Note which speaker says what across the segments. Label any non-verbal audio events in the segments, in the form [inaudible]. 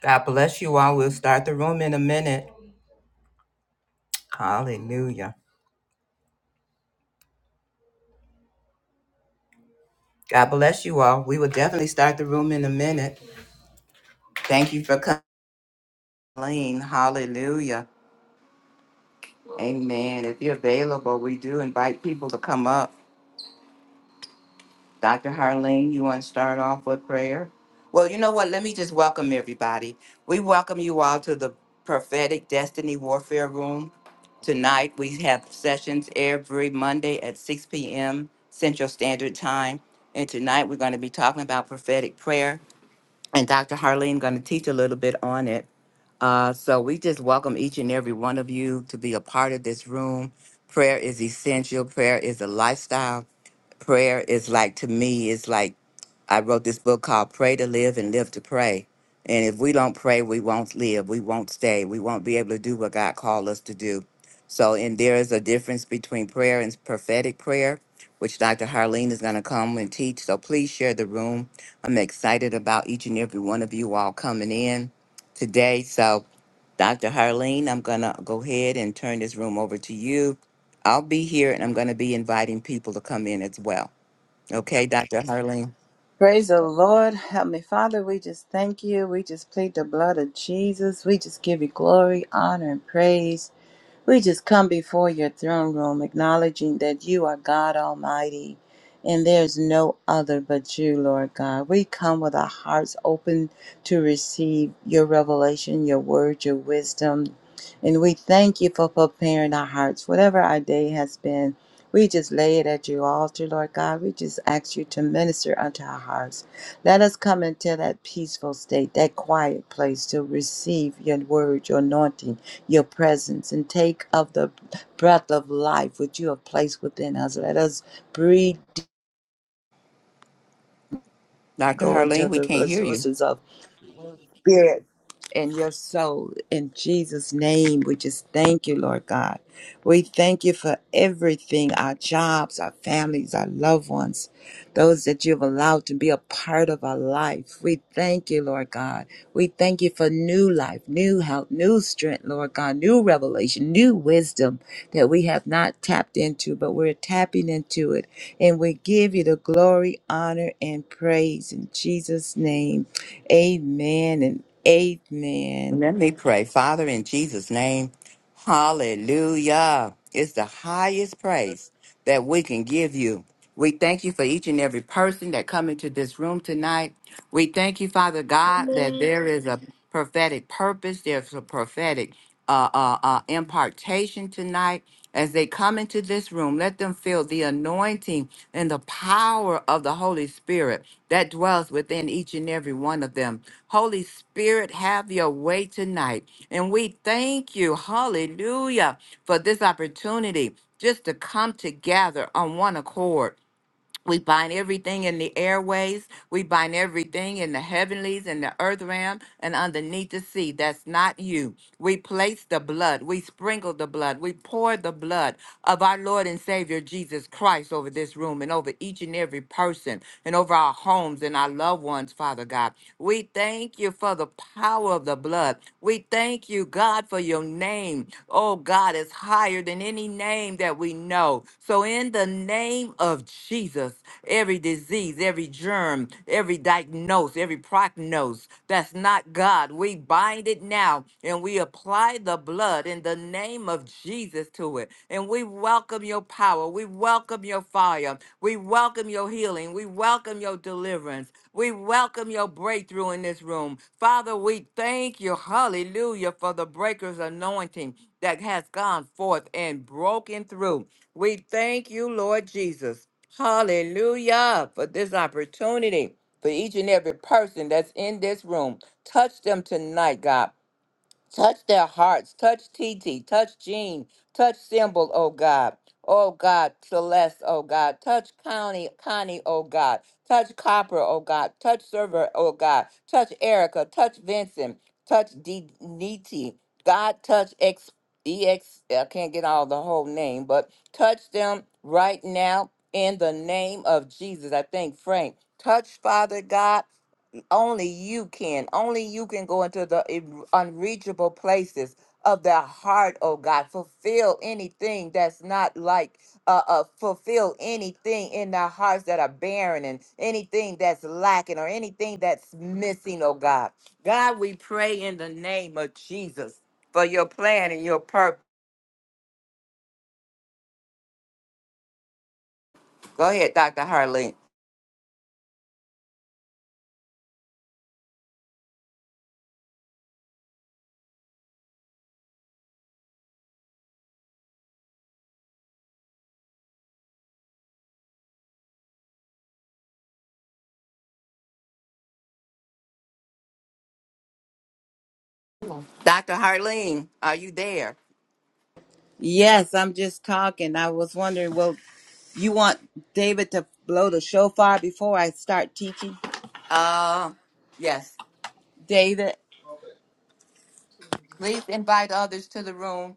Speaker 1: God bless you all. We'll start the room in a minute. Hallelujah. God bless you all. We will definitely start the room in a minute. Thank you for coming. Hallelujah. Amen. If you're available, we do invite people to come up. Dr. Harleen, you want to start off with prayer? Well, you know what? Let me just welcome everybody. We welcome you all to the Prophetic Destiny Warfare Room. Tonight, we have sessions every Monday at 6 p.m. Central Standard Time. And tonight, we're going to be talking about prophetic prayer. And Dr. Harleen going to teach a little bit on it. Uh, so we just welcome each and every one of you to be a part of this room. Prayer is essential. Prayer is a lifestyle prayer is like to me it's like I wrote this book called Pray to Live and Live to Pray. And if we don't pray, we won't live. We won't stay. We won't be able to do what God called us to do. So, and there is a difference between prayer and prophetic prayer, which Dr. Harleen is going to come and teach. So please share the room. I'm excited about each and every one of you all coming in today. So, Dr. Harleen, I'm going to go ahead and turn this room over to you. I'll be here and I'm going to be inviting people to come in as well. Okay, Dr. Harleen? Dr. Harleen, we can't hear you. Let me pray. Father, in Jesus' name, hallelujah. It's the highest praise that we can give you. We thank you for each and every person that come into this room tonight. We thank you, Father God, that there is a prophetic purpose. There's a prophetic uh, uh, uh, impartation tonight. As they come into this room, let them feel the anointing and the power of the Holy Spirit that dwells within each and every one of them. Holy Spirit, have your way tonight. And we thank you, hallelujah, for this opportunity just to come together on one accord we bind everything in the airways. We bind everything in the heavenlies, in the earth realm, and underneath the sea. That's not you. We place the blood. We sprinkle the blood. We pour the blood of our Lord and Savior Jesus Christ over this room and over each and every person and over our homes and our loved ones, Father God. We thank you for the power of the blood. We thank you, God, for your name. Oh, God, is higher than any name that we know. So in the name of Jesus, every disease, every germ, every diagnose, every prognosis that's not God, we bind it now and we apply the blood in the name of Jesus to it. And we welcome your power. We welcome your fire. We welcome your healing. We welcome your deliverance. We welcome your breakthrough in this room. Father, we thank you, hallelujah, for the breaker's anointing that has gone forth and broken through we thank you, Lord Jesus. Hallelujah for this opportunity for each and every person that's in this room. Touch them tonight, God. Touch their hearts. Touch TT. Touch Jean. Touch Symbol, oh God. Oh God, Celeste, oh God. Touch Connie, Connie, oh God. Touch Copper, oh God. Touch Server, oh God. Touch Erica. Touch Vincent. Touch D- DT. God, touch X. E X. I can't get all the whole name, but touch them right now in the name of Jesus. I thank Frank. Touch Father God only you can. Only you can go into the in- unreachable places of their heart, oh God. Fulfill anything that's not like, uh, uh, fulfill anything in their hearts that are barren and anything that's lacking or anything that's missing, oh God. God, we pray in the name of Jesus for your plan and your purpose. Go ahead, Dr. Harleen. Dr. Harleen, are you there? Uh, yes. Please invite others to the room.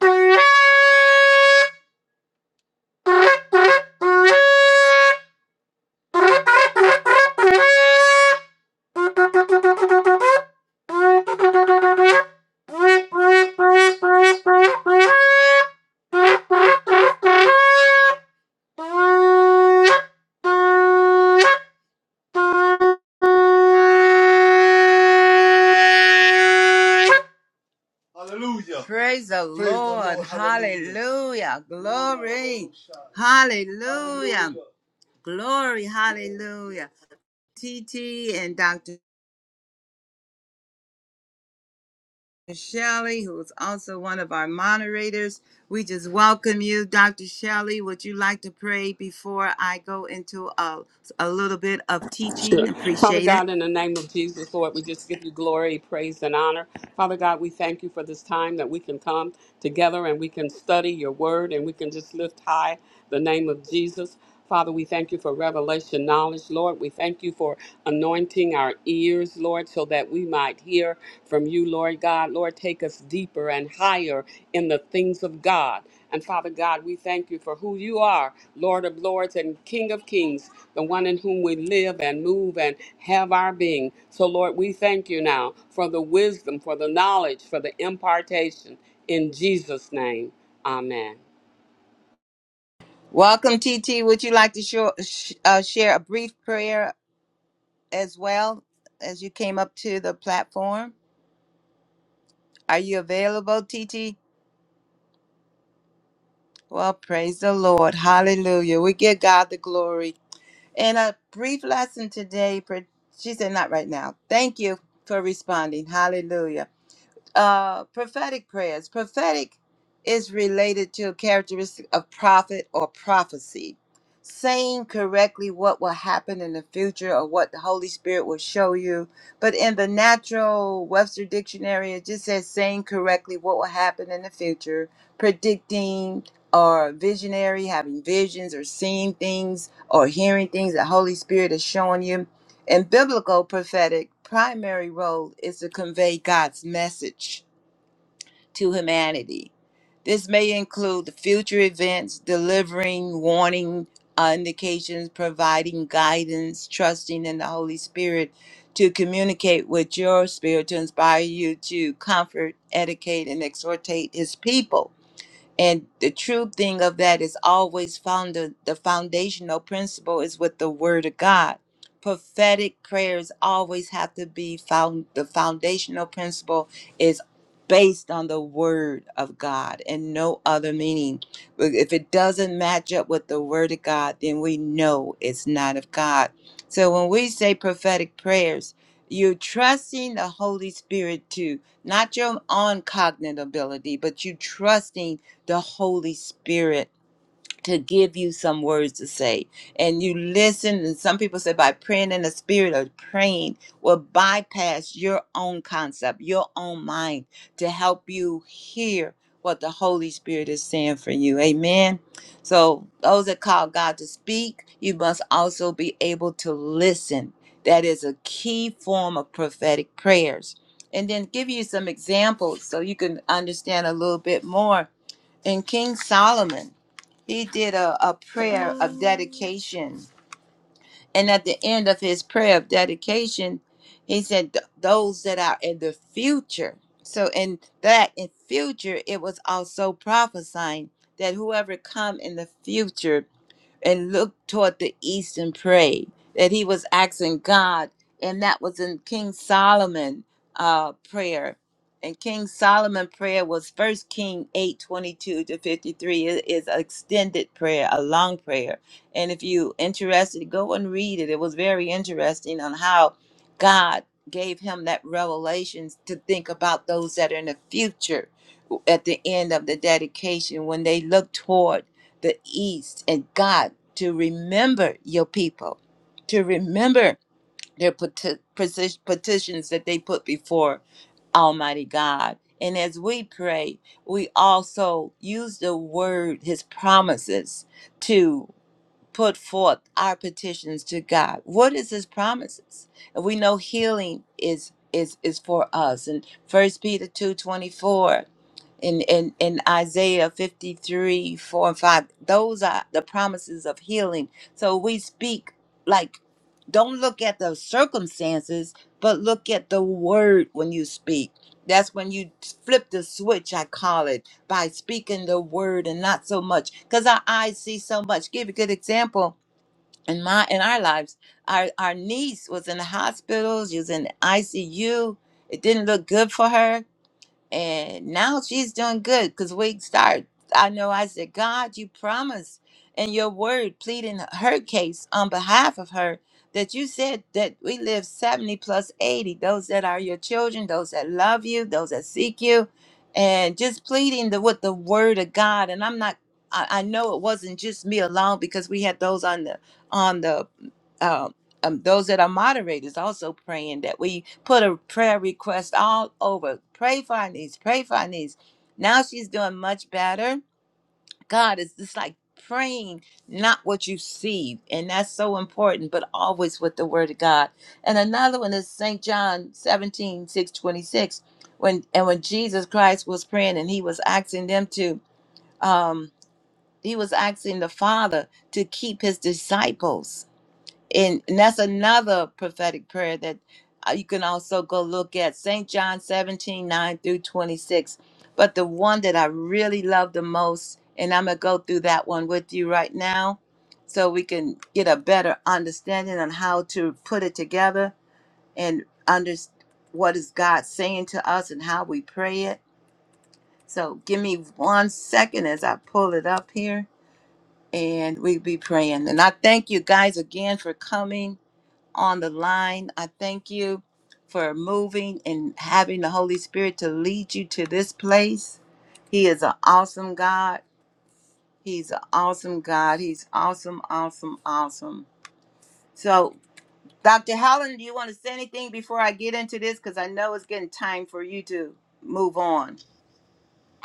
Speaker 2: Thank you.
Speaker 3: Sure. Father God, in the name of Jesus, Lord, we just give you glory, praise, and honor. Father God, we thank you for this time that we can come together and we can study your word and we can just lift high the name of Jesus. Father, we thank you for revelation knowledge, Lord. We thank you for anointing our ears, Lord, so that we might hear from you, Lord. Lord God, Lord, take us deeper and higher in the things of God. And Father God, we thank you for who you are, Lord of Lords and King of Kings, the one in whom we live and move and have our being. So, Lord, we thank you now for the wisdom, for the knowledge, for the impartation. In Jesus' name, amen.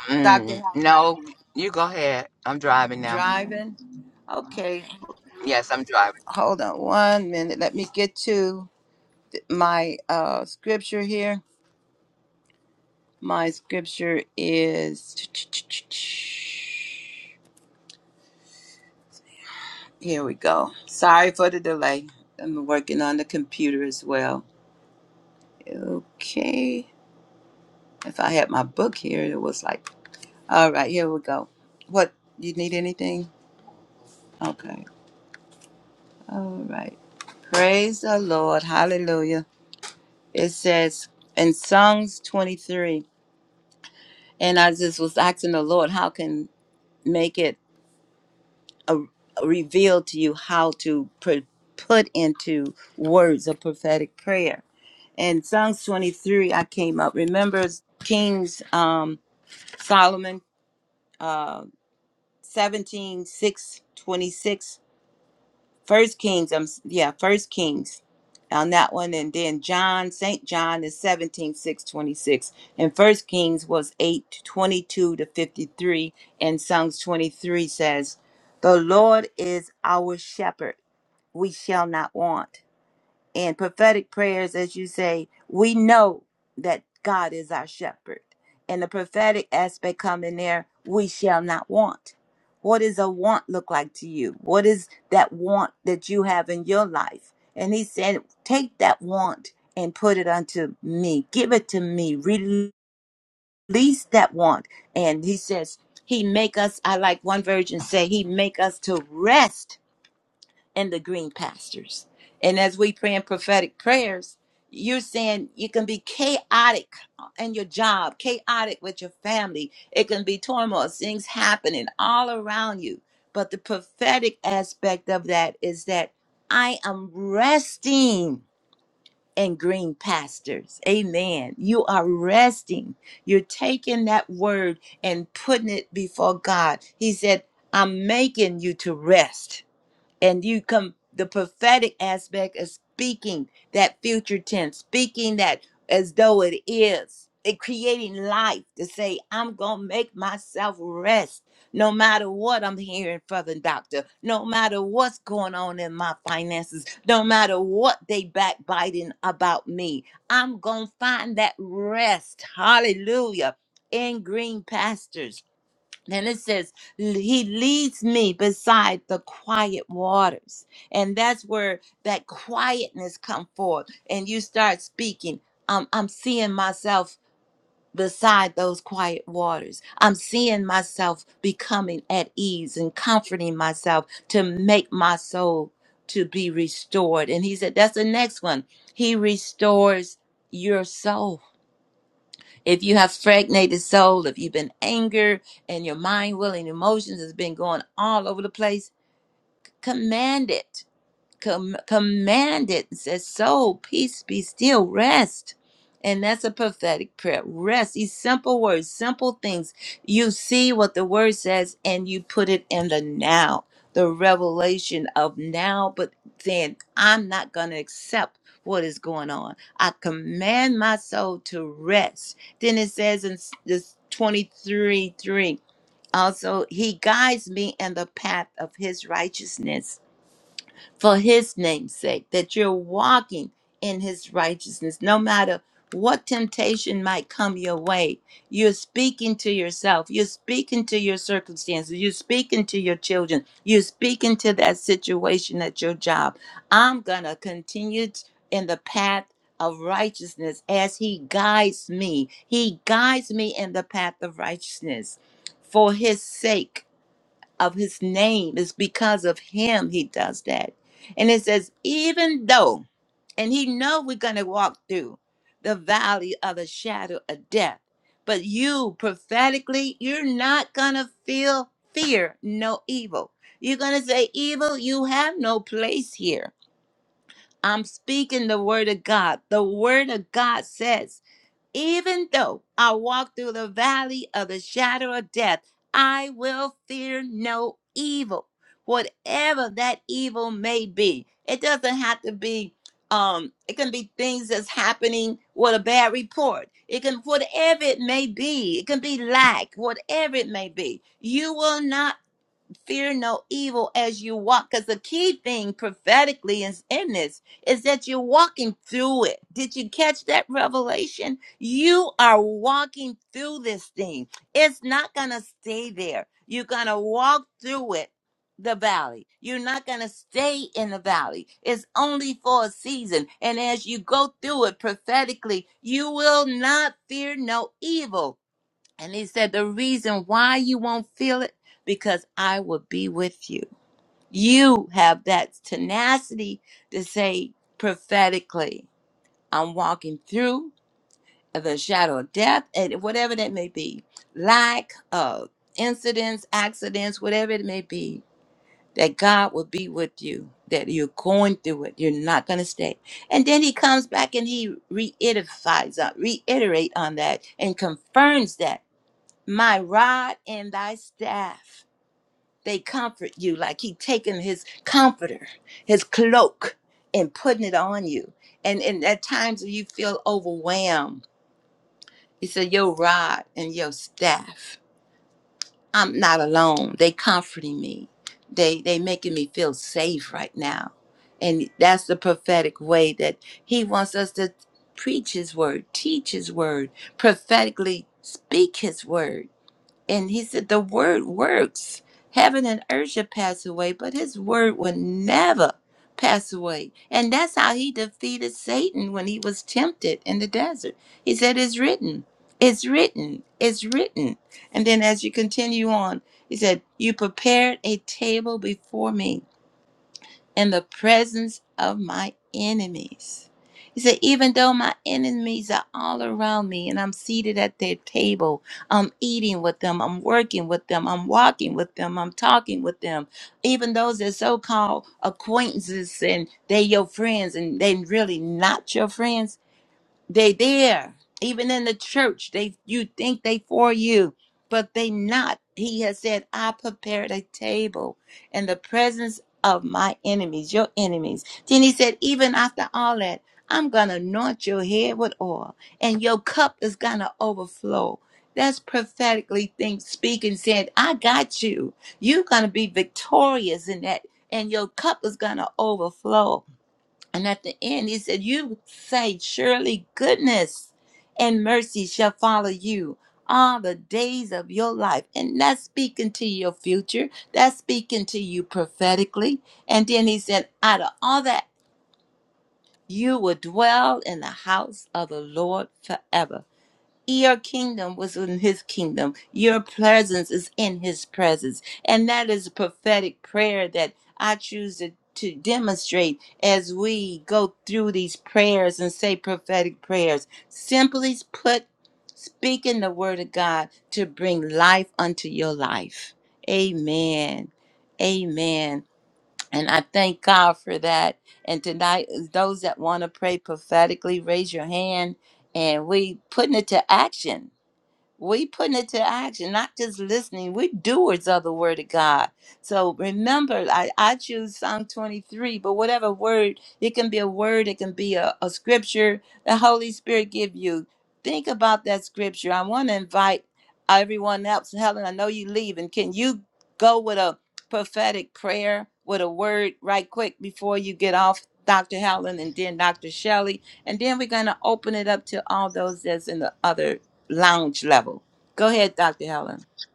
Speaker 1: Mm, no, you go ahead. I'm driving now. Yes, I'm driving.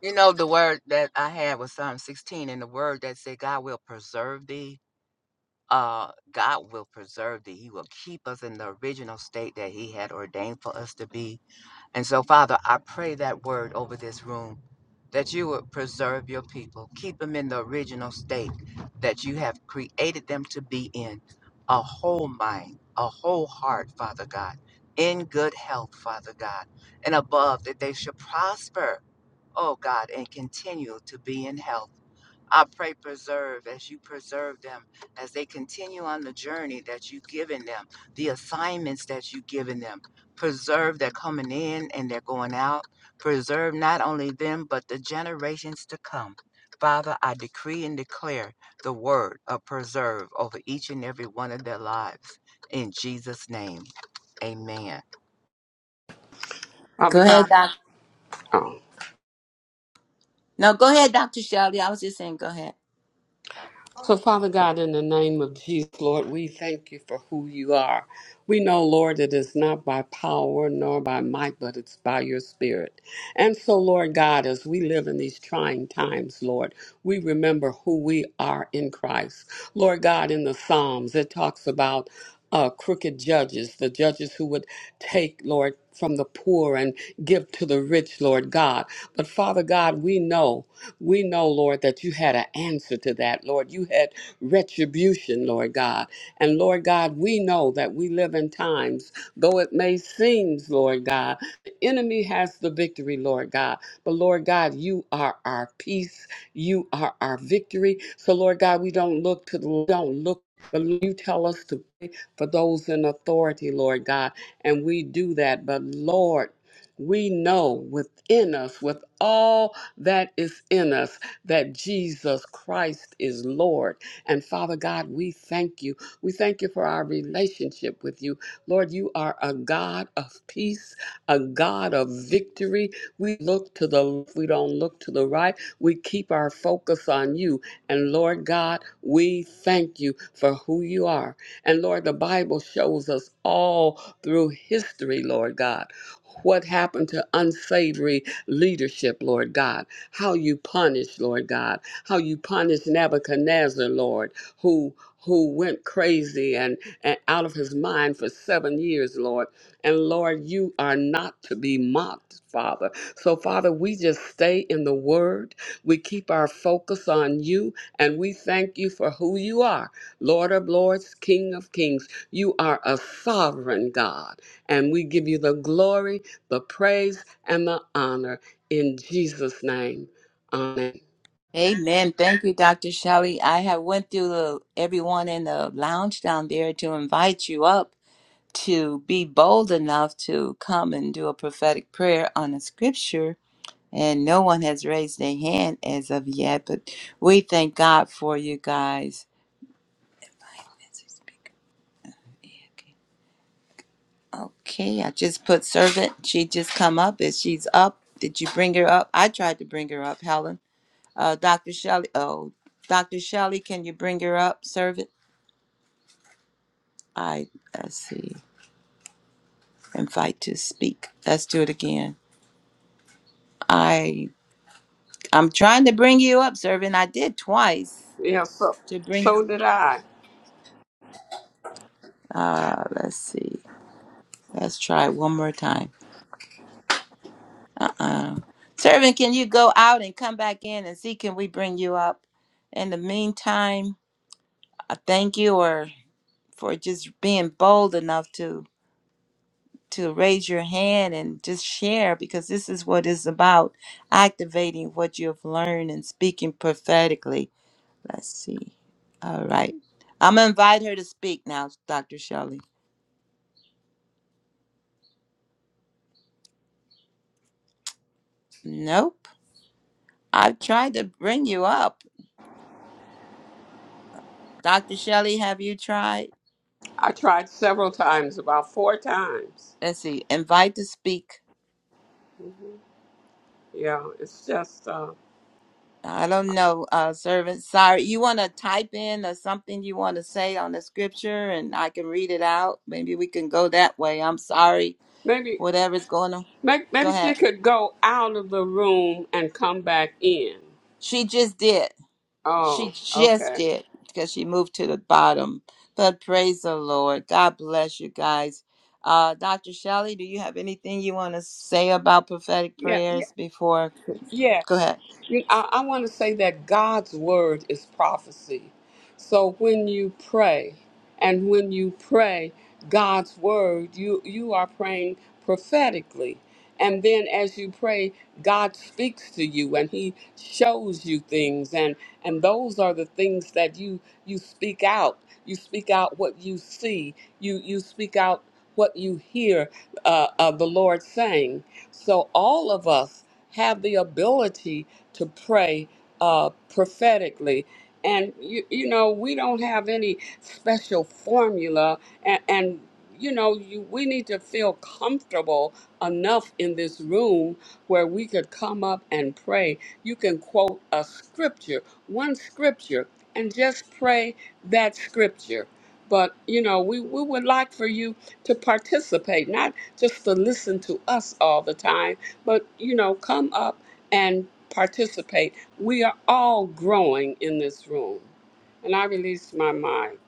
Speaker 1: You know, the word that I had was Psalm 16, and the word that said, God will preserve thee. Uh, God will preserve thee. He will keep us in the original state that He had ordained for us to be. And so, Father, I pray that word over this room that you would preserve your people, keep them in the original state that you have created them to be in a whole mind, a whole heart, Father God, in good health, Father God, and above that they should prosper, oh God, and continue to be in health. I pray, preserve as you preserve them, as they continue on the journey that you've given them, the assignments that you've given them. Preserve their coming in and their going out. Preserve not only them, but the generations to come. Father, I decree and declare the word of preserve over each and every one of their lives. In Jesus' name, amen.
Speaker 3: Father God. Oh. So, Father God, in the name of Jesus, Lord, we thank you for who you are. We know, Lord, it is not by power nor by might, but it's by your spirit. And so, Lord God, as we live in these trying times, Lord, we remember who we are in Christ. Lord God, in the Psalms, it talks about uh, crooked judges, the judges who would take, Lord, from the poor and give to the rich, Lord God. But Father God, we know, we know, Lord, that you had an answer to that, Lord. You had retribution, Lord God. And Lord God, we know that we live in times, though it may seem, Lord God, the enemy has the victory, Lord God. But Lord God, you are our peace. You are our victory. So Lord God, we don't look to the, we don't look, but you tell us to for those in authority, Lord God. And we do that. But Lord, we know within us, with all that is in us, that Jesus Christ is Lord. And Father God, we thank you. We thank you for our relationship with you. Lord, you are a God of peace, a God of victory. We look to the left, we don't look to the right. We keep our focus on you. And Lord God, we thank you for who you are. And Lord, the Bible shows us all through history, Lord God, what happened to unsavory leadership, Lord God, how you punish, Lord God, how you punish Nebuchadnezzar, Lord, who who went crazy and, and out of his mind for seven years, Lord. And Lord, you are not to be mocked, Father. So, Father, we just stay in the Word. We keep our focus on you, and we thank you for who you are Lord of Lords, King of Kings. You are a sovereign God, and we give you the glory, the praise, and the honor in Jesus' name. Amen. Yeah, so, so did I. I tried several times, about four times. Yeah, it's just uh, maybe, maybe maybe she could go out of the room and come back in. Oh, okay. Yeah, Yes. You- I, I want to say that God's word is prophecy. So when you pray, and when you pray God's word, you, you are praying prophetically. And then as you pray, God speaks to you and he shows you things. And, and those are the things that you, you speak out. You speak out what you see. You, you speak out what you hear uh, uh, the Lord saying. So all of us have the ability to pray uh, prophetically. And, you, you know, we don't have any special formula. And, and you know, you, we need to feel comfortable enough in this room where we could come up and pray. You can quote a scripture, one scripture, and just pray that scripture. But, you know, we, we would like for you to participate, not just to listen to us all the time but you know, come up and participate. We are all growing in this room. And I release my mic.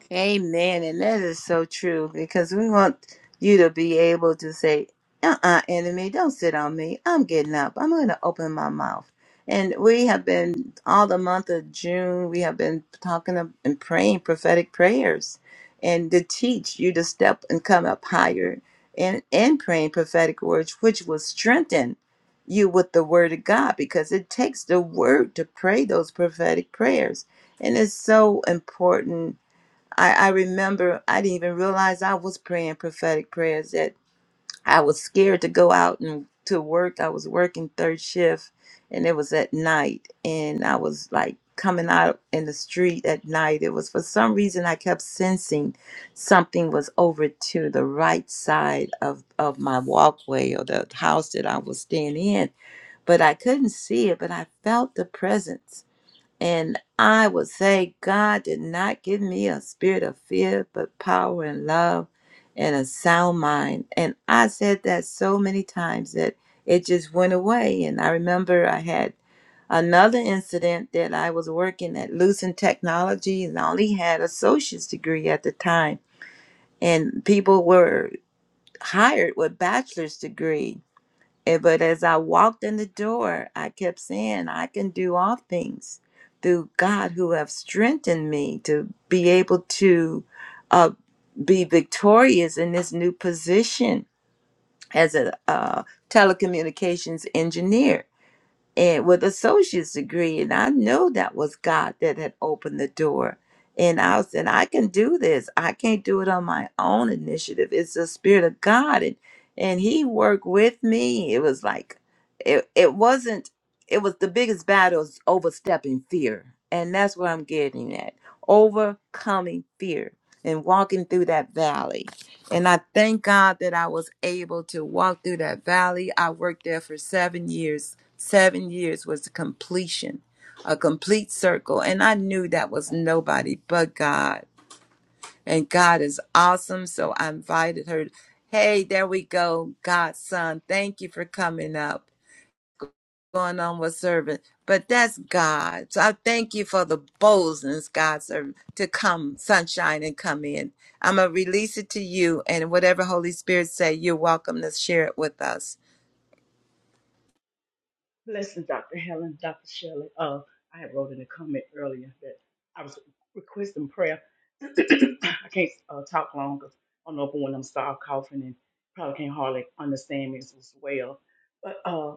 Speaker 4: Blessings, Dr. Helen, Dr. Shelley. Uh, I had wrote in a comment earlier that I was requesting prayer. [clears throat] I can't uh, talk long because I don't know if when I'm start coughing and probably can't hardly understand me as well. But uh,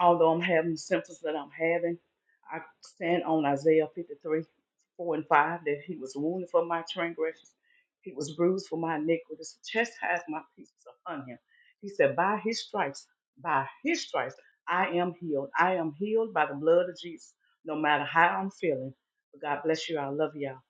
Speaker 4: although I'm having the symptoms that I'm having, I stand on Isaiah 53, 4 and 5, that he was wounded for my transgressions, he was bruised for my iniquities, chastised my peace was upon him. He said, By his stripes, by his stripes, I am healed. I am healed by the blood of Jesus, no matter how I'm feeling. But God bless you. I love y'all.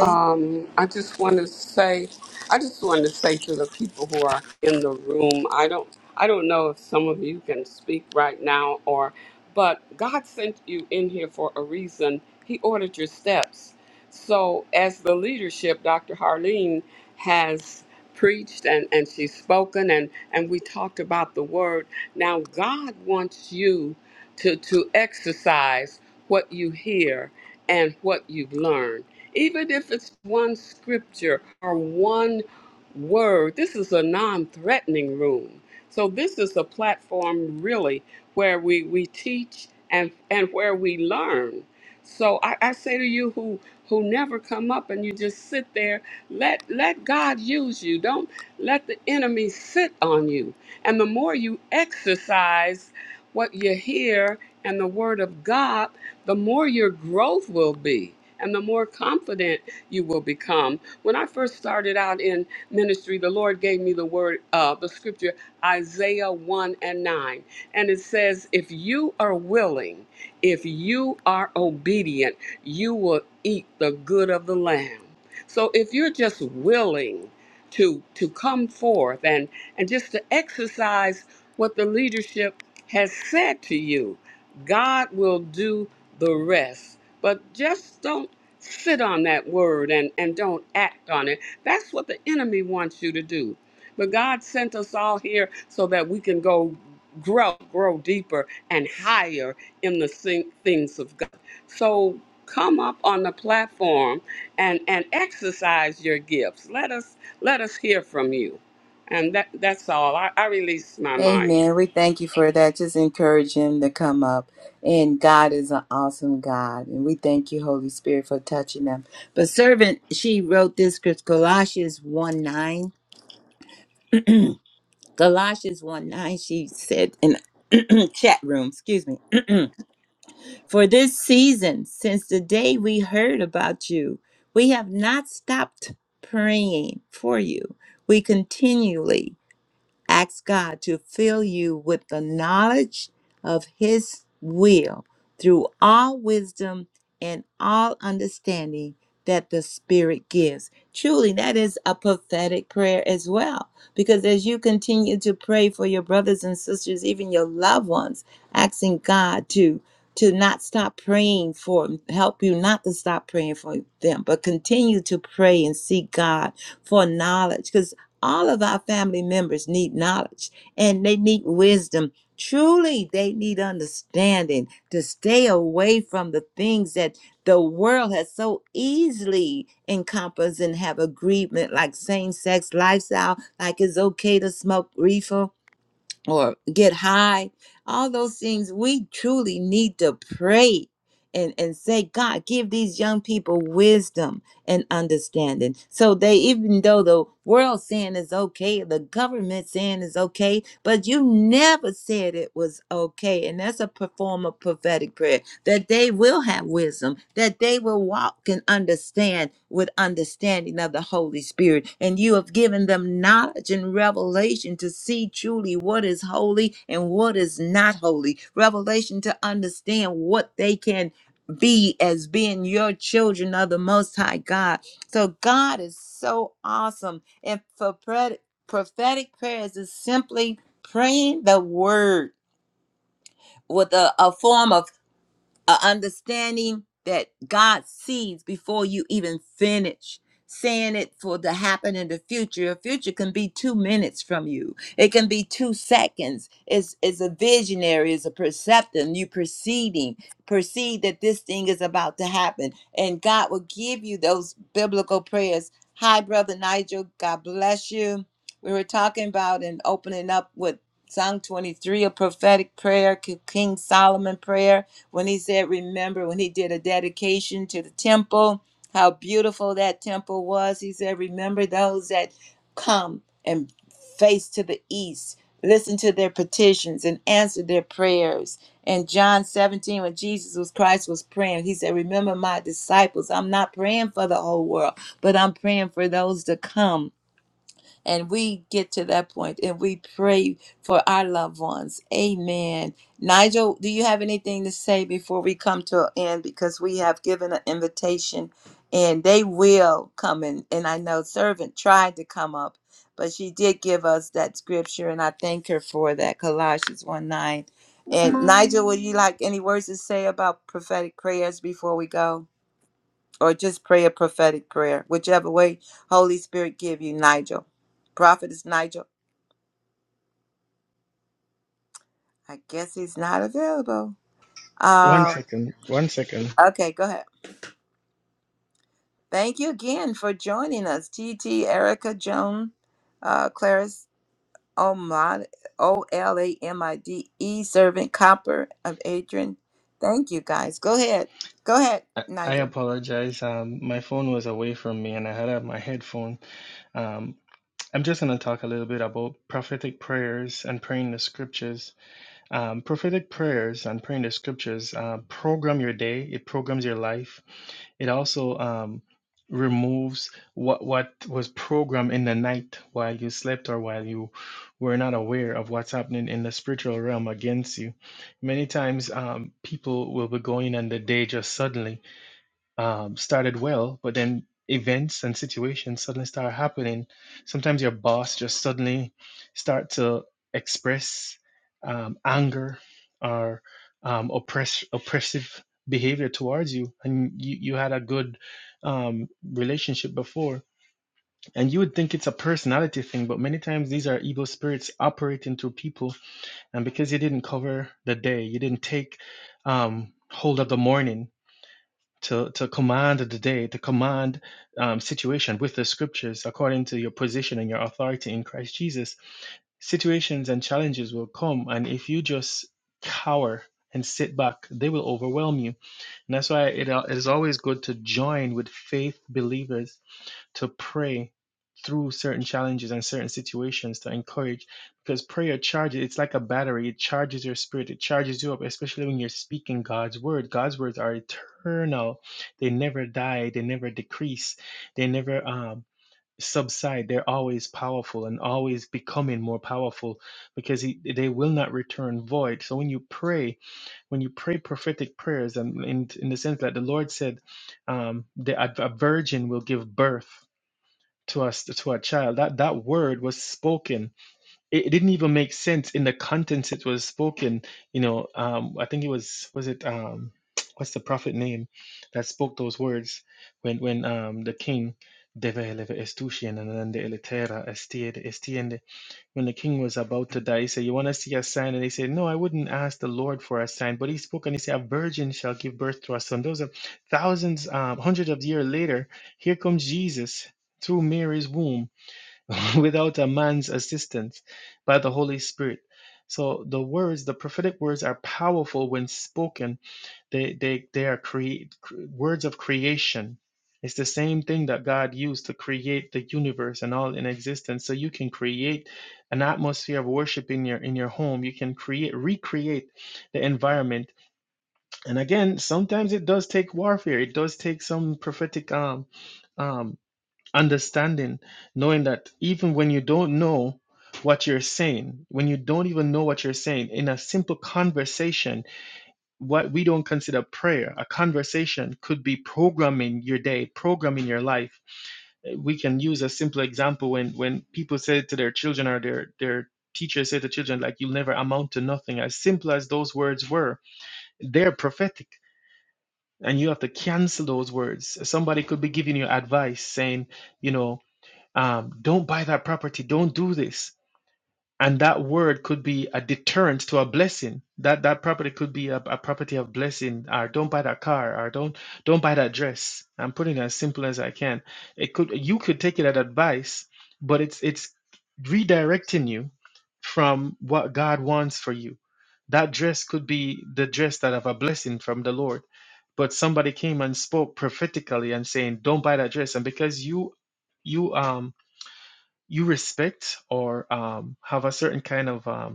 Speaker 3: Um, I just want to say, I just want to say to the people who are in the room, I don't, I don't know if some of you can speak right now or, but God sent you in here for a reason. He ordered your steps. So as the leadership, Dr. Harleen has preached and, and she's spoken and, and we talked about the word. Now God wants you to, to exercise what you hear and what you've learned. Even if it's one scripture or one word, this is a non threatening room. So, this is a platform really where we, we teach and, and where we learn. So I, I say to you who who never come up and you just sit there, let let God use you. Don't let the enemy sit on you. And the more you exercise what you hear and the word of God, the more your growth will be and the more confident you will become. When I first started out in ministry, the Lord gave me the word, uh, the scripture, Isaiah 1 and 9. And it says, If you are willing, if you are obedient, you will eat the good of the land. So if you're just willing, to, to come forth and, and just to exercise what the leadership has said to you, God will do the rest. But just don't sit on that word and, and don't act on it. That's what the enemy wants you to do. But God sent us all here so that we can go grow, grow deeper and higher in the thing- things of God. So come up on the platform and, and exercise your gifts. Let us let us hear from you. And that, that's all. I, I release my mic.
Speaker 5: One second. One second. I, I apologize. Um, my phone was away from me and I had uh, my headphone. Um, I'm just going to talk a little bit about prophetic prayers and praying the scriptures. Um, prophetic prayers and praying the scriptures uh, program your day. It programs your life. It also um, removes what what was programmed in the night while you slept or while you were not aware of what's happening in the spiritual realm against you. Many times, um, people will be going on the day just suddenly um, started well, but then events and situations suddenly start happening. Sometimes your boss just suddenly start to express um, anger or um, oppress oppressive behavior towards you, and you you had a good um, relationship before, and you would think it's a personality thing, but many times these are evil spirits operating through people, and because you didn't cover the day, you didn't take um, hold of the morning to, to command the day, to command um, situation with the scriptures according to your position and your authority in Christ Jesus. Situations and challenges will come, and if you just cower and sit back, they will overwhelm you. And that's why it, it is always good to join with faith believers to pray through certain challenges and certain situations to encourage because prayer charges it's like a battery it charges your spirit it charges you up especially when you're speaking God's word God's words are eternal they never die they never decrease they never um subside they're always powerful and always becoming more powerful because he, they will not return void so when you pray when you pray prophetic prayers and in, in the sense that the lord said um, that a virgin will give birth to us to our child that that word was spoken it, it didn't even make sense in the contents it was spoken you know um i think it was was it um what's the prophet name that spoke those words when when um the king deve eleve estushin and then the elitera estiende when the king was about to die, he said, You want to see a sign? And they said, No, I wouldn't ask the Lord for a sign. But he spoke and he said, A virgin shall give birth to a son. Those are thousands, um, hundreds of years later. Here comes Jesus through Mary's womb [laughs] without a man's assistance by the Holy Spirit. So the words, the prophetic words, are powerful when spoken they they they are create words of creation. It's the same thing that God used to create the universe and all in existence. So you can create an atmosphere of worship in your in your home. You can create recreate the environment. And again, sometimes it does take warfare. It does take some prophetic um um understanding, knowing that even when you don't know what you're saying, when you don't even know what you're saying, in a simple conversation what we don't consider prayer, a conversation could be programming your day, programming your life. Uh, We can use a simple example when when people say to their children or their their teachers say to children like you'll never amount to nothing. As simple as those words were, they're prophetic, and you have to cancel those words. Somebody could be giving you advice saying, you know. Um, don't buy that property. Don't do this and that word could be a deterrent to a blessing that that property could be a, a property of blessing or don't buy that car or don't don't buy that dress i'm putting it as simple as i can it could you could take it as advice but it's it's redirecting you from what god wants for you that dress could be the dress that have a blessing from the lord but somebody came and spoke prophetically and saying don't buy that dress and because you you um you respect or um, have a certain kind of um,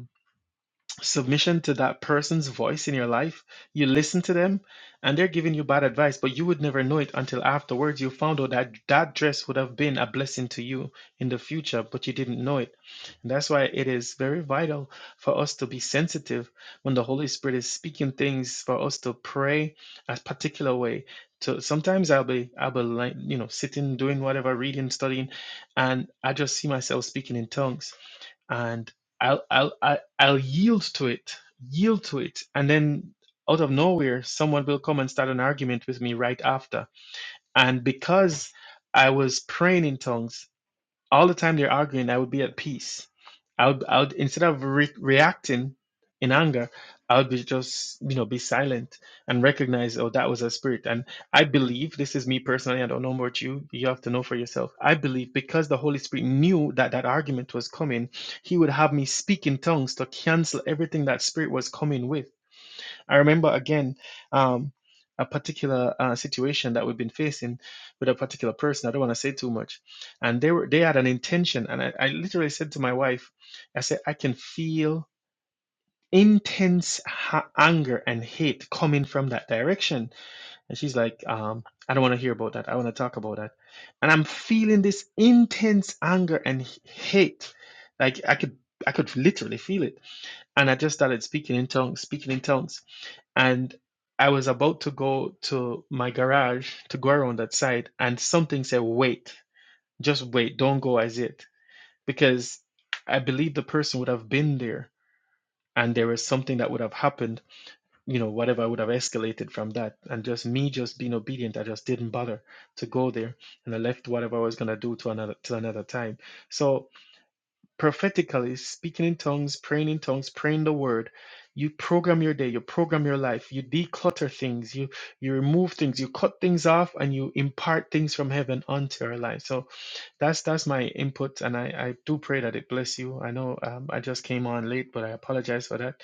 Speaker 5: submission to that person's voice in your life. You listen to them and they're giving you bad advice, but you would never know it until afterwards you found out that that dress would have been a blessing to you in the future, but you didn't know it. And that's why it is very vital for us to be sensitive when the Holy Spirit is speaking things for us to pray a particular way. So sometimes I'll be I'll be like you know sitting doing whatever reading studying, and I just see myself speaking in tongues and I'll, I'll I I'll yield to it, yield to it. And then out of nowhere, someone will come and start an argument with me right after. And because I was praying in tongues, all the time they're arguing, I would be at peace. I would, I would instead of re- reacting in anger, I would be just, you know, be silent and recognize, oh, that was a spirit. And I believe this is me personally. I don't know about you. You have to know for yourself. I believe because the Holy Spirit knew that that argument was coming, He would have me speak in tongues to cancel everything that spirit was coming with. I remember again um, a particular uh, situation that we've been facing with a particular person. I don't want to say too much, and they were they had an intention, and I, I literally said to my wife, I said I can feel intense ha- anger and hate coming from that direction, and she's like, um, I don't want to hear about that. I want to talk about that, and I'm feeling this intense anger and h- hate, like I could I could literally feel it and I just started speaking in tongues, speaking in tongues. And I was about to go to my garage to go around that side, and something said, Wait, just wait, don't go as yet," Because I believe the person would have been there and there was something that would have happened, you know, whatever would have escalated from that. And just me just being obedient, I just didn't bother to go there. And I left whatever I was gonna do to another to another time. So prophetically, speaking in tongues, praying in tongues, praying the word. You program your day, you program your life, you declutter things, you you remove things, you cut things off, and you impart things from heaven onto our life. So that's that's my input, and I I do pray that it bless you. I know um, I just came on late, but I apologize for that,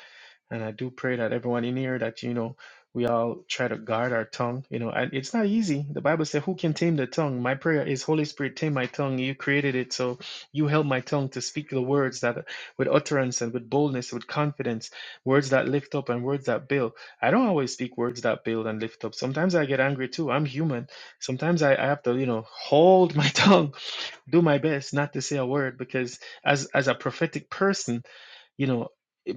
Speaker 5: and I do pray that everyone in here that you know we all try to guard our tongue. You know, and it's not easy. The Bible says, "Who can tame the tongue?" My prayer is, Holy Spirit, tame my tongue. You created it, so you help my tongue to speak the words that with utterance and with boldness, with confidence, words that lift up and words that build. I don't always speak words that build and lift up. Sometimes I get angry too. I'm human sometimes I, I have to, you know, hold my [laughs] tongue do my best not to say a word because as as a prophetic person you know i-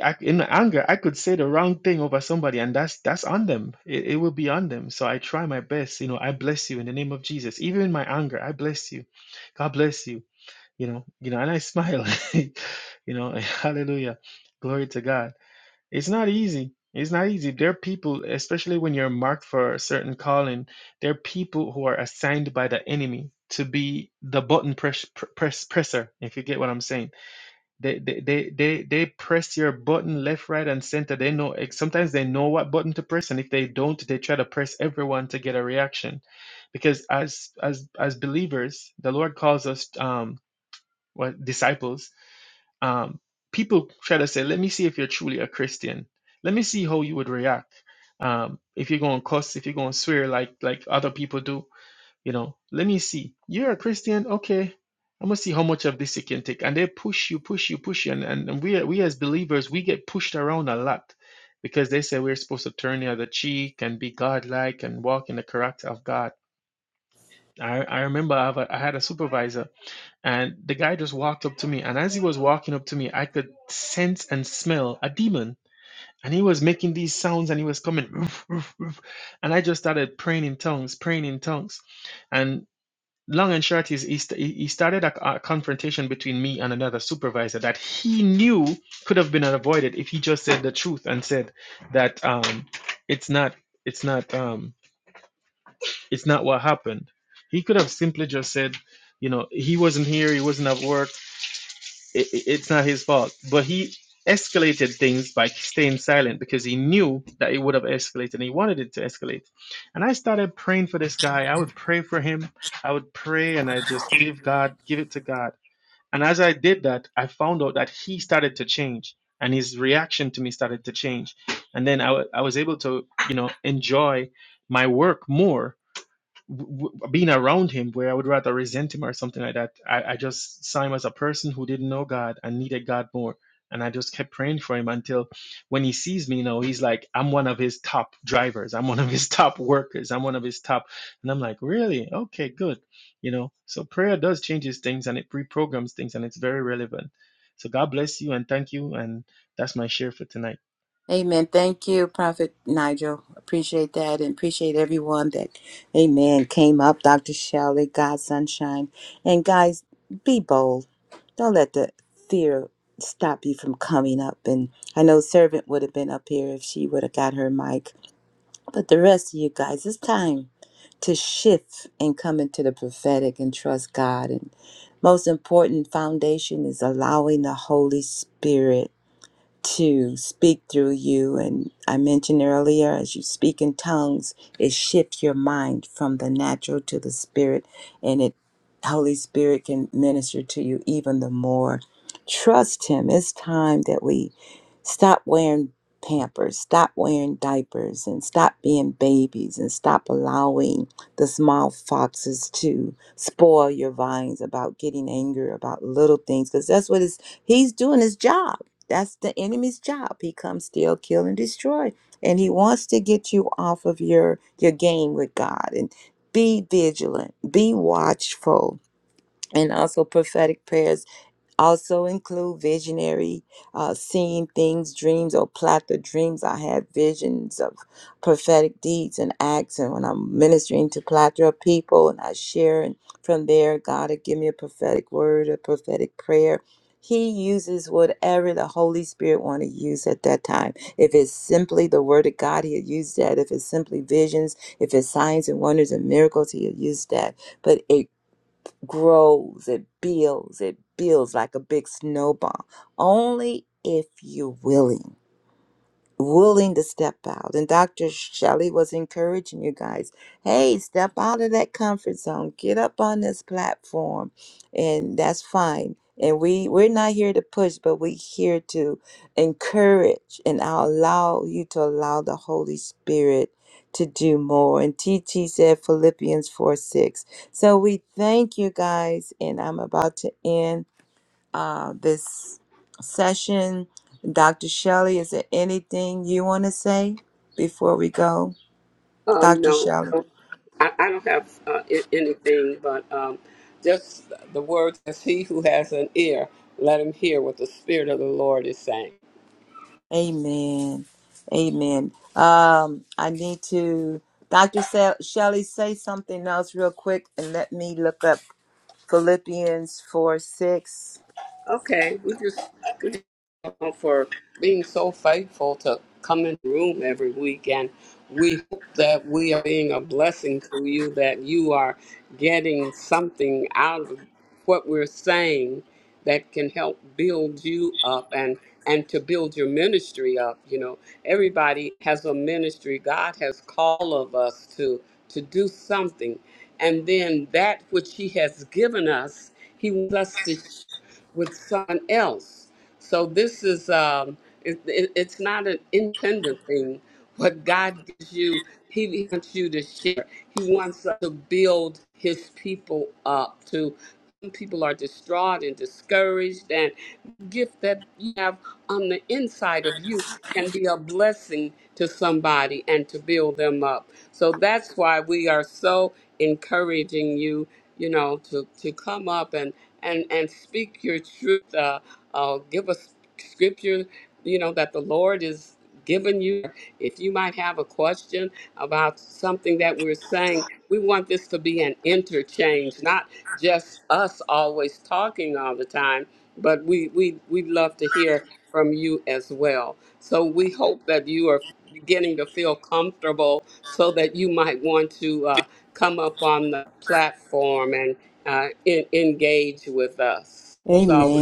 Speaker 5: i- I- in my anger i could say the wrong thing over somebody and that's that's on them it, it will be on them so i try my best you know i bless you in the name of jesus even in my anger i bless you god bless you you know you know and i smile [laughs] you know [laughs] hallelujah glory to god it's not easy. It's not easy. There are people, especially when you're marked for a certain calling, there are people who are assigned by the enemy to be the button press, press presser, if you get what I'm saying. They they, they they they press your button left, right, and center. They know eh, sometimes they know what button to press, and if they don't, they try to press everyone to get a reaction. Because as as as believers, the Lord calls us um what disciples um, people try to say, let me see if you're truly a Christian. Let me see how you would react. Um, if you're going to cuss, if you're going to swear like like other people do, you know, let me see. You're a Christian, okay. I'm gonna see how much of this you can take. And they push you, push you, push you. And, and, and we we as believers, we get pushed around a lot because they say we're supposed to turn the other cheek and be godlike and walk in the character of God. I, I remember I, have a, I had a supervisor and the guy just walked up to me. And as he was walking up to me, I could sense and smell a demon. And he was making these sounds and he was coming. "Roof, roof, roof." And I just started praying in tongues, praying in tongues. And long and short is he, st- he he started a, a confrontation between me and another supervisor that he knew could have been avoided if he just said the truth and said that um, it's not it's not um, it's not what happened. He could have simply just said, you know, he wasn't here, he wasn't at work it, it- it's not his fault. But he escalated things by staying silent because he knew that it would have escalated and he wanted it to escalate. And I started praying for this guy. I would pray for him. I would pray and I just give God, give it to God. And as I did that, I found out that he started to change and his reaction to me started to change. And then I wa- I was able to, you know, enjoy my work more w- w- being around him where I would rather resent him or something like that. I, I just saw him as a person who didn't know God and needed God more. And I just kept praying for him until when he sees me now, he's like, I'm one of his top drivers. I'm one of his [laughs] top workers. I'm one of his top. And I'm like, really? Okay, good. You know, so prayer does changes things and it reprograms things and it's very relevant. So God bless you and thank you. And that's my share for tonight.
Speaker 3: Um, no, I don't. I, I don't have uh, I- anything, but um, just the words. As he who has an ear, let him hear what the Spirit of the Lord is saying. Okay, we just we just thank you for being so faithful to come in the room every week, and we hope that we are being a blessing to you. That you are getting something out of what we're saying that can help build you up and and to build your ministry up. You know, everybody has a ministry. God has called of us to to do something, and then that which He has given us, He wants us to with someone else. So this is um, it, it, it's not an independent thing. What God gives you, He wants you to share. He wants us to build His people up. To some people are distraught and discouraged, and gift that you have on the inside of you can be a blessing to somebody and to build them up. So that's why we are so encouraging you, you know, to, to come up and, and, and speak your truth. Uh, uh, give us scripture, you know, that the Lord is giving you. If you might have a question about something that we're saying, we want this to be an interchange, not just us always talking all the time, but we, we, we'd love to hear from you as well. So we hope that you are beginning to feel comfortable so that you might want to uh, come up on the platform and uh, en- engage with us. So,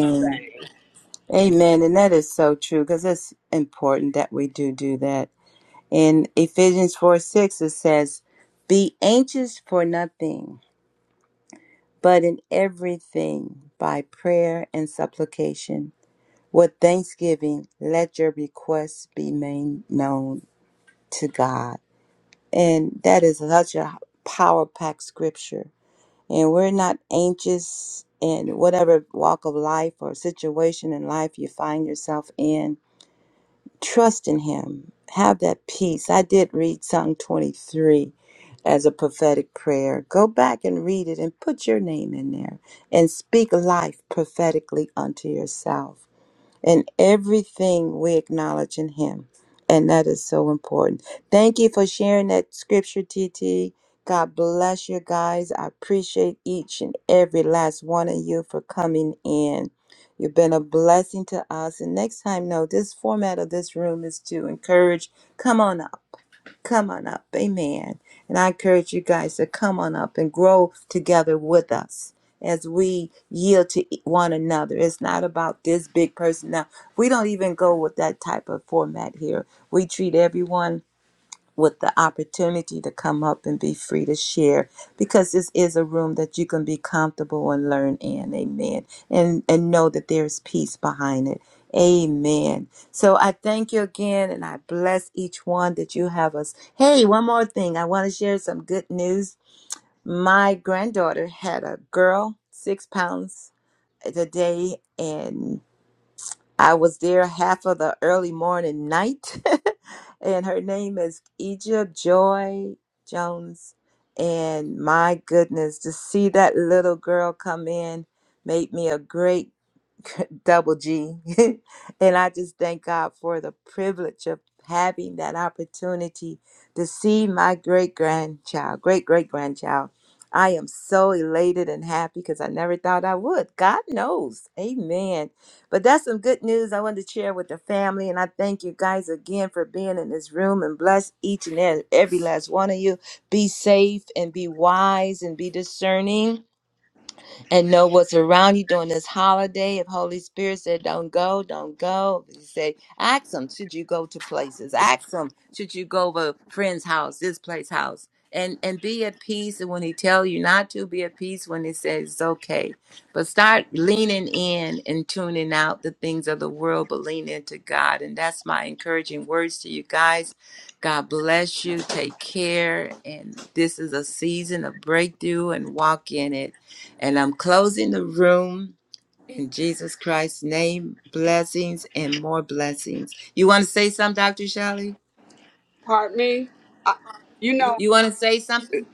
Speaker 3: pardon me. I, you know,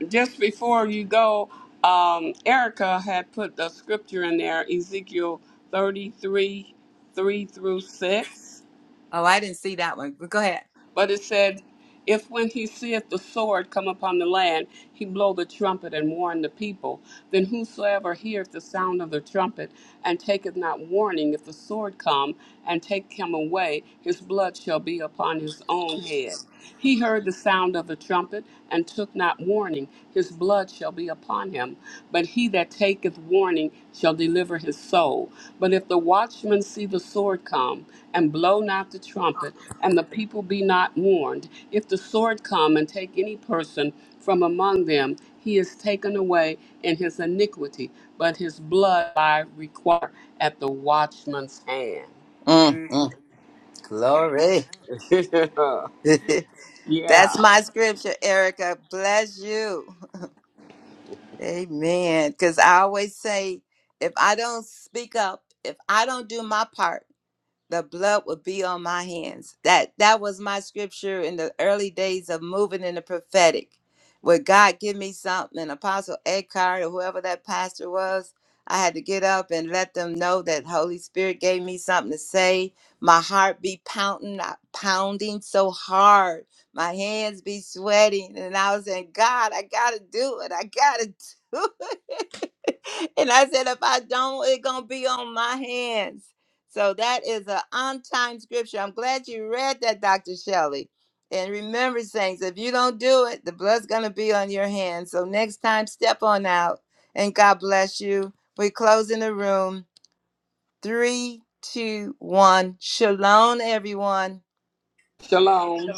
Speaker 3: just before you go, um, Erica had put the scripture in there, Ezekiel 33 3 through 6. But it said, If when he seeth the sword come upon the land, he blow the trumpet and warn the people, then whosoever heareth the sound of the trumpet and taketh not warning, if the sword come and take him away, his blood shall be upon his own head. He heard the sound of a trumpet and took not warning. His blood shall be upon him. But he that taketh warning shall deliver his soul. But if the watchman see the sword come, and blow not the trumpet, and the people be not warned, if the sword come and take any person from among them, he is taken away in his iniquity, but his blood I require at the watchman's hand. [laughs] yeah. Shalom.